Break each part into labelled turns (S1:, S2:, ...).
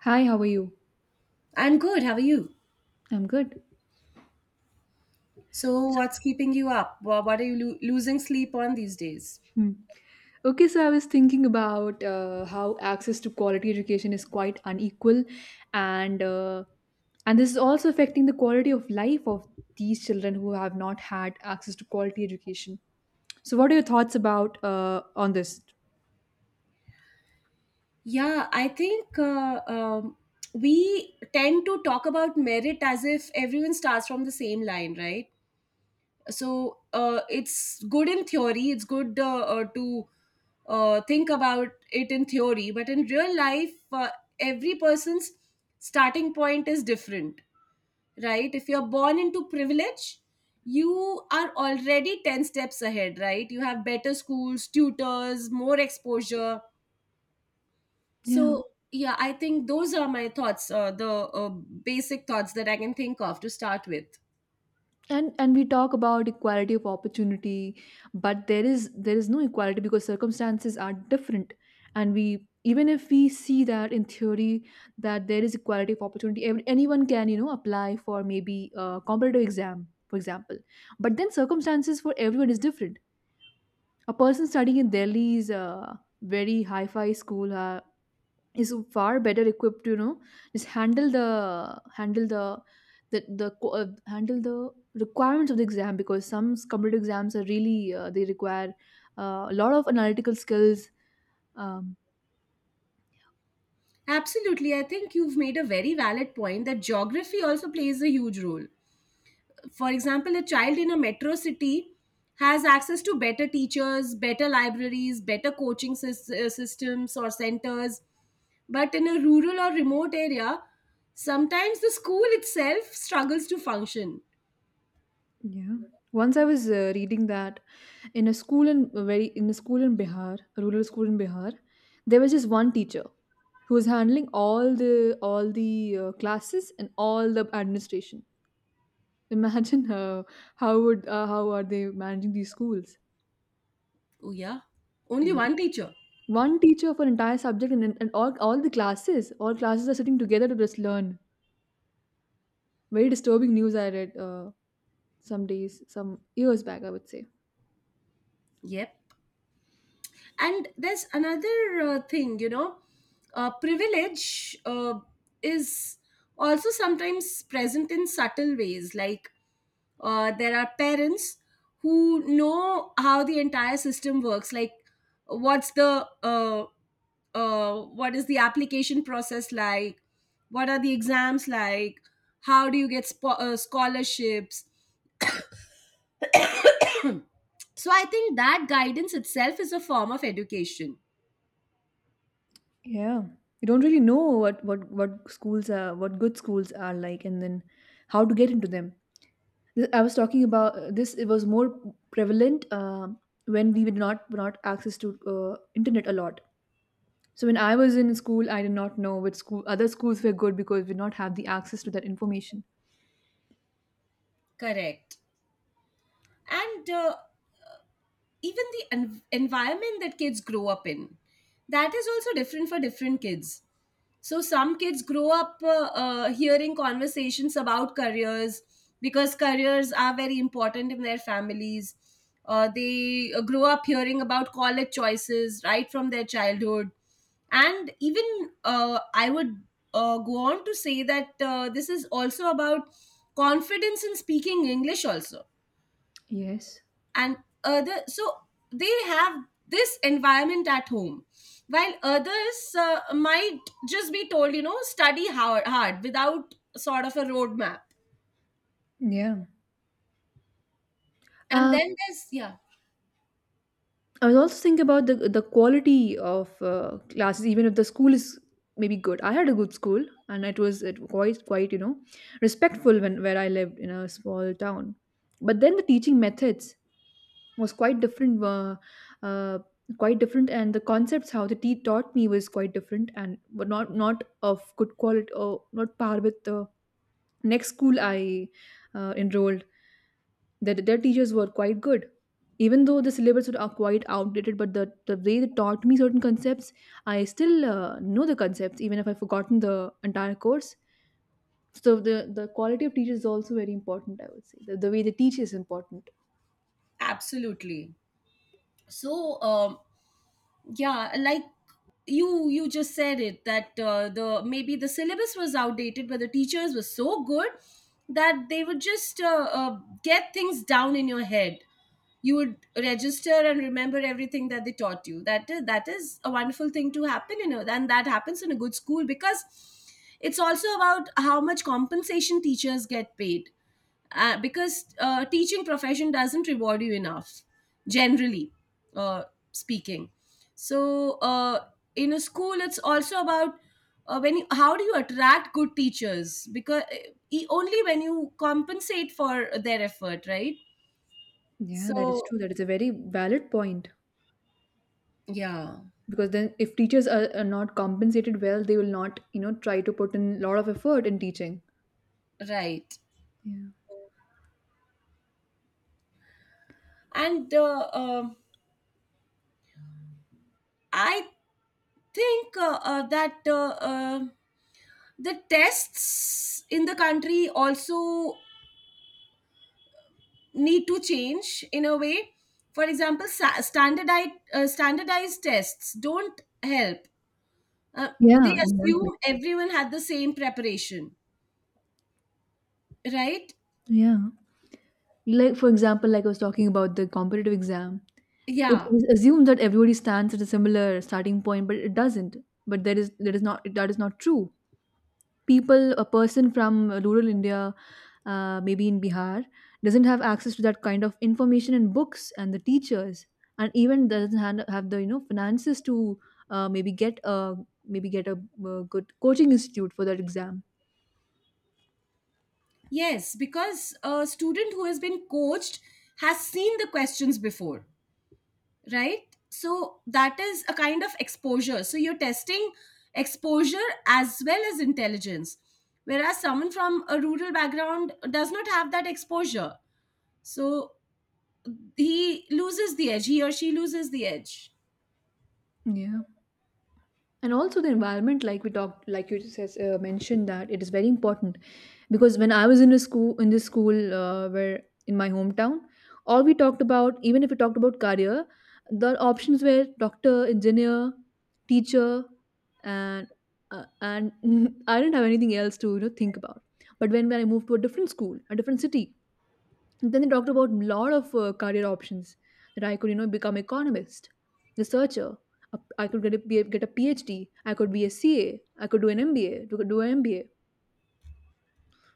S1: Hi, how are you?
S2: I'm good. How are you?
S1: I'm good.
S2: So, what's keeping you up? What are you losing sleep on these days?
S1: Hmm. Okay, so I was thinking about how access to quality education is quite unequal, and uh, and this is also affecting the quality of life of these children who have not had access to quality education. So, what are your thoughts about on this?
S2: Yeah, I think we tend to talk about merit as if everyone starts from the same line, right? So, it's good in theory, it's good to think about it in theory, but in real life, every person's starting point is different. Right? If you're born into privilege, you are already 10 steps ahead, right? You have better schools, tutors, more exposure.
S1: Yeah.
S2: So, yeah, I think those are my thoughts, the basic thoughts that I can think of to start with.
S1: And we talk about equality of opportunity, but there is no equality because circumstances are different. And we even if we see that in theory that there is equality of opportunity, anyone can, you know, apply for maybe a competitive exam, for example. But then circumstances for everyone is different. A person studying in Delhi is a very high-fi school is far better equipped to, you know, just handle the co- handle the requirements of the exam, because some computer exams are really they require a lot of analytical skills. um,
S2: Absolutely. I think you've made a very valid point that geography also plays a huge role. For example, a child in a metro city has access to better teachers, better libraries, better coaching systems or centers, but in a rural or remote area sometimes the school itself struggles to function.
S1: yeah. Once I was reading that in a school in a very in a school in bihar a rural school in Bihar, there was just one teacher who was handling all the classes and all the administration. Imagine how are they managing these schools?
S2: Oh yeah, only
S1: Yeah.
S2: one teacher.
S1: One teacher for entire subject, and all the classes, all classes are sitting together to just learn. Very disturbing news I read, some days, some years back, I would say.
S2: Yep. And there's another thing, you know, privilege is also sometimes present in subtle ways, like there are parents who know how the entire system works, like what's the uh, what is the application process like, what are the exams like, how do you get scholarships. So I think that guidance itself is a form of education.
S1: Yeah. You don't really know what schools are, what good schools are like, and then how to get into them. I was talking about this. It was more prevalent when we did not, were not access to internet a lot. So when I was in school, I did not know other schools were good, because we did not have the access to that information.
S2: Correct. And even the environment that kids grow up in, that is also different for different kids. So some kids grow up hearing conversations about careers because careers are very important in their families. They grow up hearing about college choices right from their childhood. And even I would go on to say that this is also about confidence in speaking English, also,
S1: Yes.
S2: and other. So they have this environment at home, while others might just be told, you know, study hard without sort of a roadmap.
S1: Yeah.
S2: And then there's, yeah,
S1: I was also thinking about the quality of classes, even if the school is maybe good. I had a good school, and it was it, quite, you know, respectful when where I lived in a small town. But then the teaching methods was uh, quite different, and the concepts how the tea taught me was quite different. And but not of good quality, or not par with the next school I enrolled, that their teachers were quite good. Even though the syllabus are quite outdated, but the way they taught me certain concepts, I still know the concepts, even if I've forgotten the entire course. So the quality of teachers is also very important. I would say the way they teach is important.
S2: absolutely. So yeah, like you just said it that the maybe the syllabus was outdated but the teachers were so good that they would just get things down in your head. You would register and remember everything that they taught you. That is a wonderful thing to happen, you know, and that happens in a good school because it's also about how much compensation teachers get paid, because teaching profession doesn't reward you enough generally, uh, speaking. So in a school it's also about how do you attract good teachers, because only when you compensate for their effort, right?
S1: Yeah, that is
S2: So
S1: true. That is a very valid point.
S2: yeah.
S1: Because then if teachers are not compensated well, they will not, you know, try to put in a lot of effort in teaching.
S2: Right.
S1: Yeah.
S2: And I think that the tests in the country also need to change in a way. For example, standardized tests don't help. Uh, they
S1: Yeah, exactly.
S2: assume everyone had the same preparation, right?
S1: Yeah, like for example, like I was talking about the competitive exam. It
S2: Yeah.
S1: is assumed that everybody stands at a similar starting point, but it doesn't. But that is not true. People, a person from rural India, maybe in Bihar, doesn't have access to that kind of information and books and the teachers, and even doesn't han- have the, you know, finances to uh, maybe get a maybe get a good coaching institute for that exam.
S2: Yes, because a student who has been coached has seen the questions before, right? So that is a kind of exposure. So you're testing exposure as well as intelligence. Whereas someone from a rural background does not have that exposure. So he loses the edge, he or she loses the edge.
S1: Yeah. And also the environment, like we talked, like you just says, mentioned, that it is very important. Because when I was in a school, in this school where in my hometown, all we talked about, even if we talked about career, the options were doctor, engineer, teacher, and uh, and I didn't have anything else to, you know, think about. But when I moved to a different school, a different city, then they talked about a lot of career options, that I could, you know, become economist, researcher. I could get a PhD. I could be a CA. I could do an MBA. To do an MBA.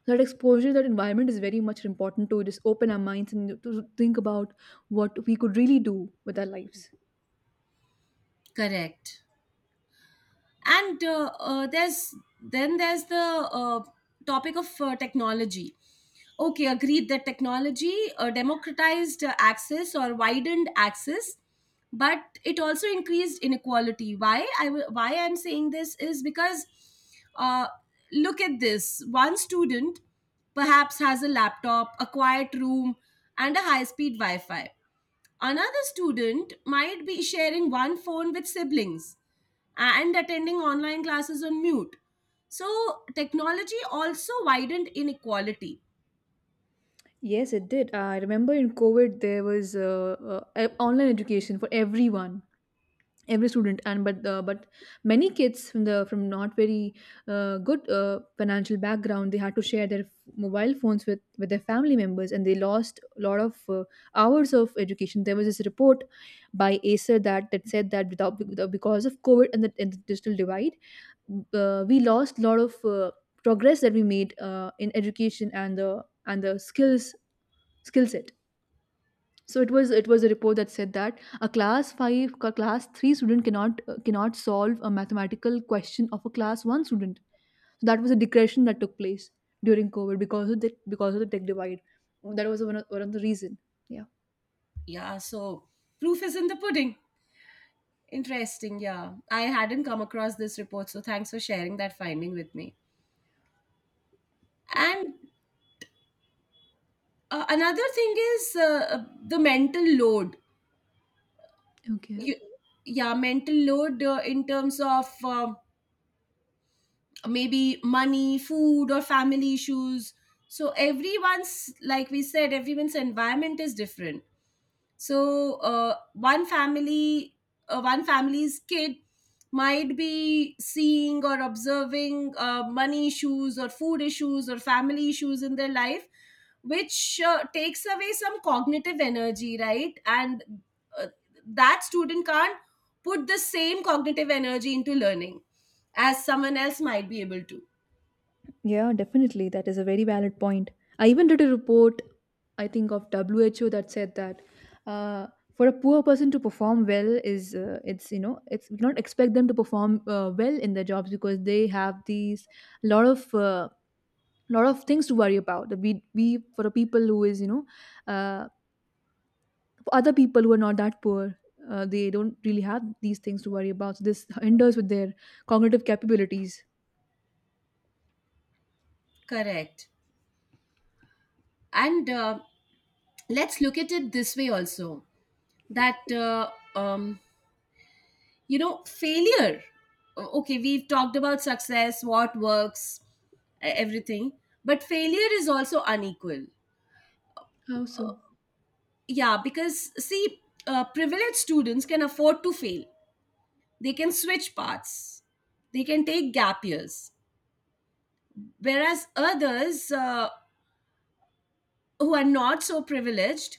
S1: So that exposure, that environment is very much important, to just open our minds and to think about what we could really do with our lives.
S2: Correct. And there's then there's the topic of technology. Okay, agreed that technology democratized access, or widened access, but it also increased inequality. Why I'm saying this is because uh, look at this: one student perhaps has a laptop, a quiet room, and a high-speed Wi-Fi. Another student might be sharing one phone with siblings and attending online classes on mute. So technology also widened inequality.
S1: Yes, it did. I remember in COVID there was online education for everyone, every student. And but uh, but many kids from the, from not very good financial background, they had to share their mobile phones with their family members, and they lost a lot of hours of education. There was this report by Acer that that said that, without, because of COVID and the digital divide, we lost a lot of progress that we made, in education and the skill set. So it was, it was a report that said that a class 5, a class 3 student cannot, cannot solve a mathematical question of a class 1 student. So that was a digression that took place during COVID, because of the, because of the tech divide. That was one one of the reason.
S2: Yeah, so proof is in the pudding. Interesting, yeah. I hadn't come across this report, so thanks for sharing that finding with me. And another thing is the mental load.
S1: Yeah, okay.
S2: You, yeah, mental load in terms of maybe money, food, or family issues. So everyone's, like we said, everyone's environment is different. So one family's kid might be seeing or observing money issues or food issues or family issues in their life, which takes away some cognitive energy, right? And uh, that student can't put the same cognitive energy into learning as someone else might be able to.
S1: Yeah, definitely. That is a very valid point. I even did a report, I think, of WHO, that said that uh, for a poor person to perform well is, it's, you know, it's, we don't expect them to perform, well in their jobs, because they have these lot of uh, lot of things to worry about. We for a people who is, you know, uh, for other people who are not that poor. They don't really have these things to worry about. So this hinders with their cognitive capabilities.
S2: Correct. And let's look at it this way also, that um, you know, failure, okay, we've talked about success, what works, everything, but failure is also unequal.
S1: How so?
S2: Yeah, because see, privileged students can afford to fail, they can switch paths, they can take gap years, whereas others who are not so privileged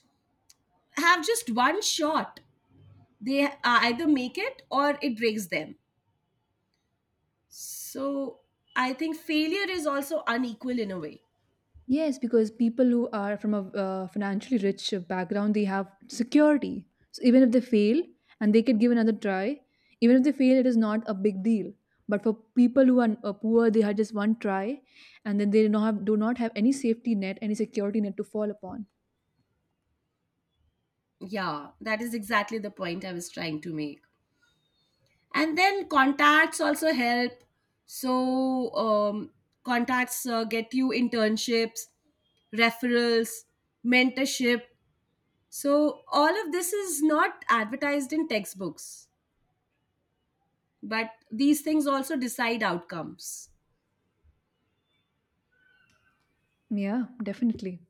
S2: have just one shot. They either make it or it breaks them. So I think failure is also unequal in a way.
S1: Yes, because people who are from a, financially rich background, they have security. So even if they fail and they could give another try, even if they fail, it is not a big deal. But for people who are, poor, they had just one try, and then they do not have any safety net, any security net to fall upon.
S2: Yeah, that is exactly the point I was trying to make. And then contacts also help. So, contacts get you internships, referrals, mentorship. So, all of this is not advertised in textbooks, but these things also decide outcomes.
S1: Yeah, definitely.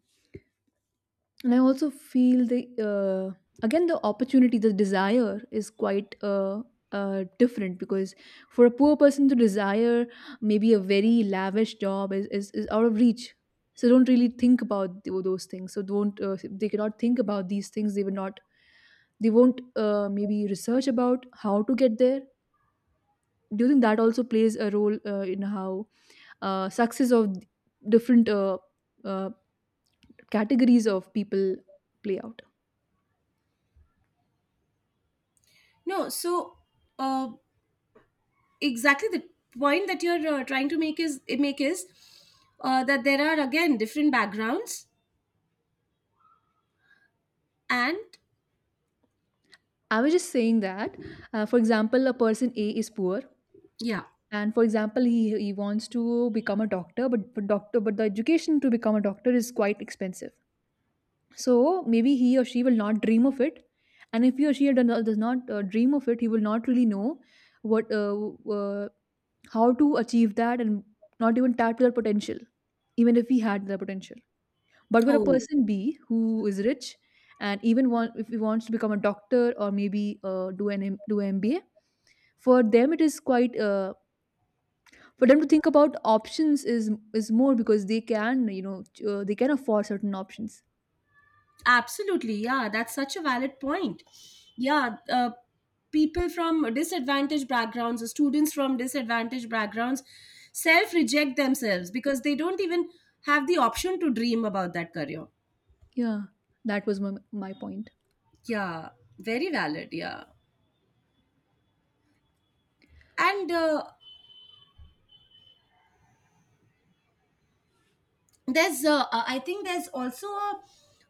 S1: And I also feel the, uh, again, the opportunity, the desire is quite, different. Because for a poor person to desire maybe a very lavish job is out of reach. So don't really think about those things, so don't, they cannot think about these things. They will not, they won't, maybe research about how to get there. Do you think that also plays a role, in how success of different, uh, categories of people play out?
S2: No, so uh, exactly the point that you're trying to make is that there are again different backgrounds and
S1: I was just saying that, for example, a person A is poor,
S2: yeah.
S1: and for example, he wants to become a doctor, but but the education to become a doctor is quite expensive. So maybe he or she will not dream of it, and if he or she does not, dream of it, he will not really know what, uh, how to achieve that, and not even tap to that potential, even if he had the potential. But for a
S2: Oh.
S1: person B who is rich, and even if he wants to become a doctor, or maybe do an MBA, for them it is quite, for them to think about options is more, because they can, you know, they can afford certain options.
S2: Absolutely, yeah, that's such a valid point. Yeah, people from disadvantaged backgrounds, or students from disadvantaged backgrounds, self reject themselves because they don't even have the option to dream about that career.
S1: Yeah, that was my point.
S2: Yeah, very valid. Yeah, and I think there's also a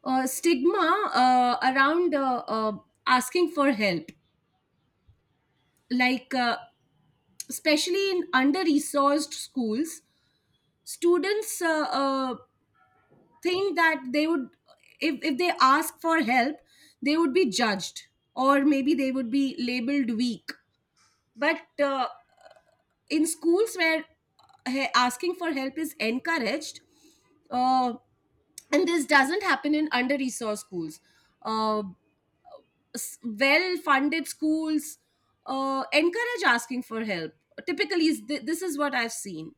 S2: stigma around asking for help, like especially in under resourced schools, students think that they would, if they ask for help they would be judged, or maybe they would be labeled weak, but in schools where asking for help is encouraged, uh, and this doesn't happen in under resourced schools. Uh, well funded schools encourage asking for help, typically, this is what I've seen.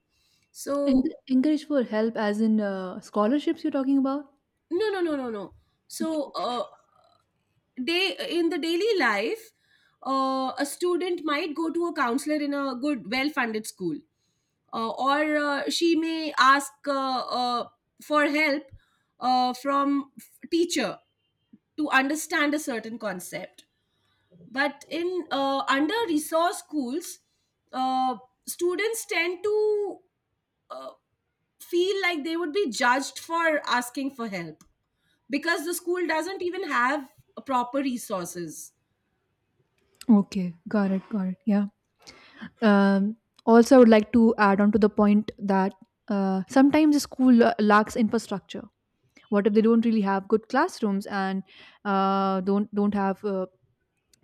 S2: So
S1: And encourage for help, as in scholarships you're talking about?
S2: no, no, no, no, no.
S1: Okay.
S2: So day in the daily life a student might go to a counselor in a good well funded school, or she may ask for help teacher to understand a certain concept. But in under resource schools uh, students tend to uh, feel like they would be judged for asking for help because the school doesn't even have proper resources.
S1: Okay, got it, got it. Yeah. Um, also, I would like to add on to the point that, sometimes the school, lacks infrastructure. What if they don't really have good classrooms, and don't have,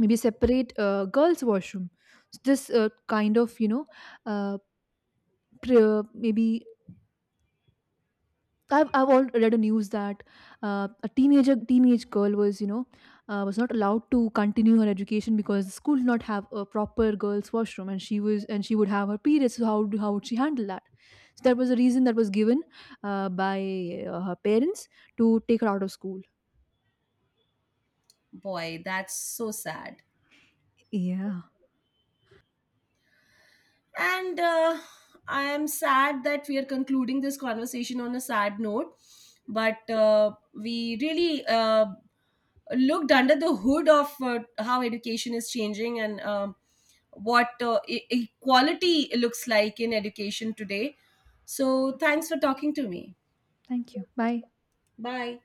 S1: maybe separate, girls washroom. So this, kind of, you know, uh, pre- maybe, I've all read a news that, a teenage girl was, you know, was not allowed to continue her education because the school did not have a proper girls washroom, and she was, and she would have her periods, so how, how would she handle that. So that was a reason that was given, by, her parents, to take her out of school.
S2: Boy, that's so sad.
S1: Yeah.
S2: And I am sad that we are concluding this conversation on a sad note. But we really looked under the hood of how education is changing and what equality looks like in education today. So, thanks for talking to me.
S1: Thank you. Bye.
S2: Bye.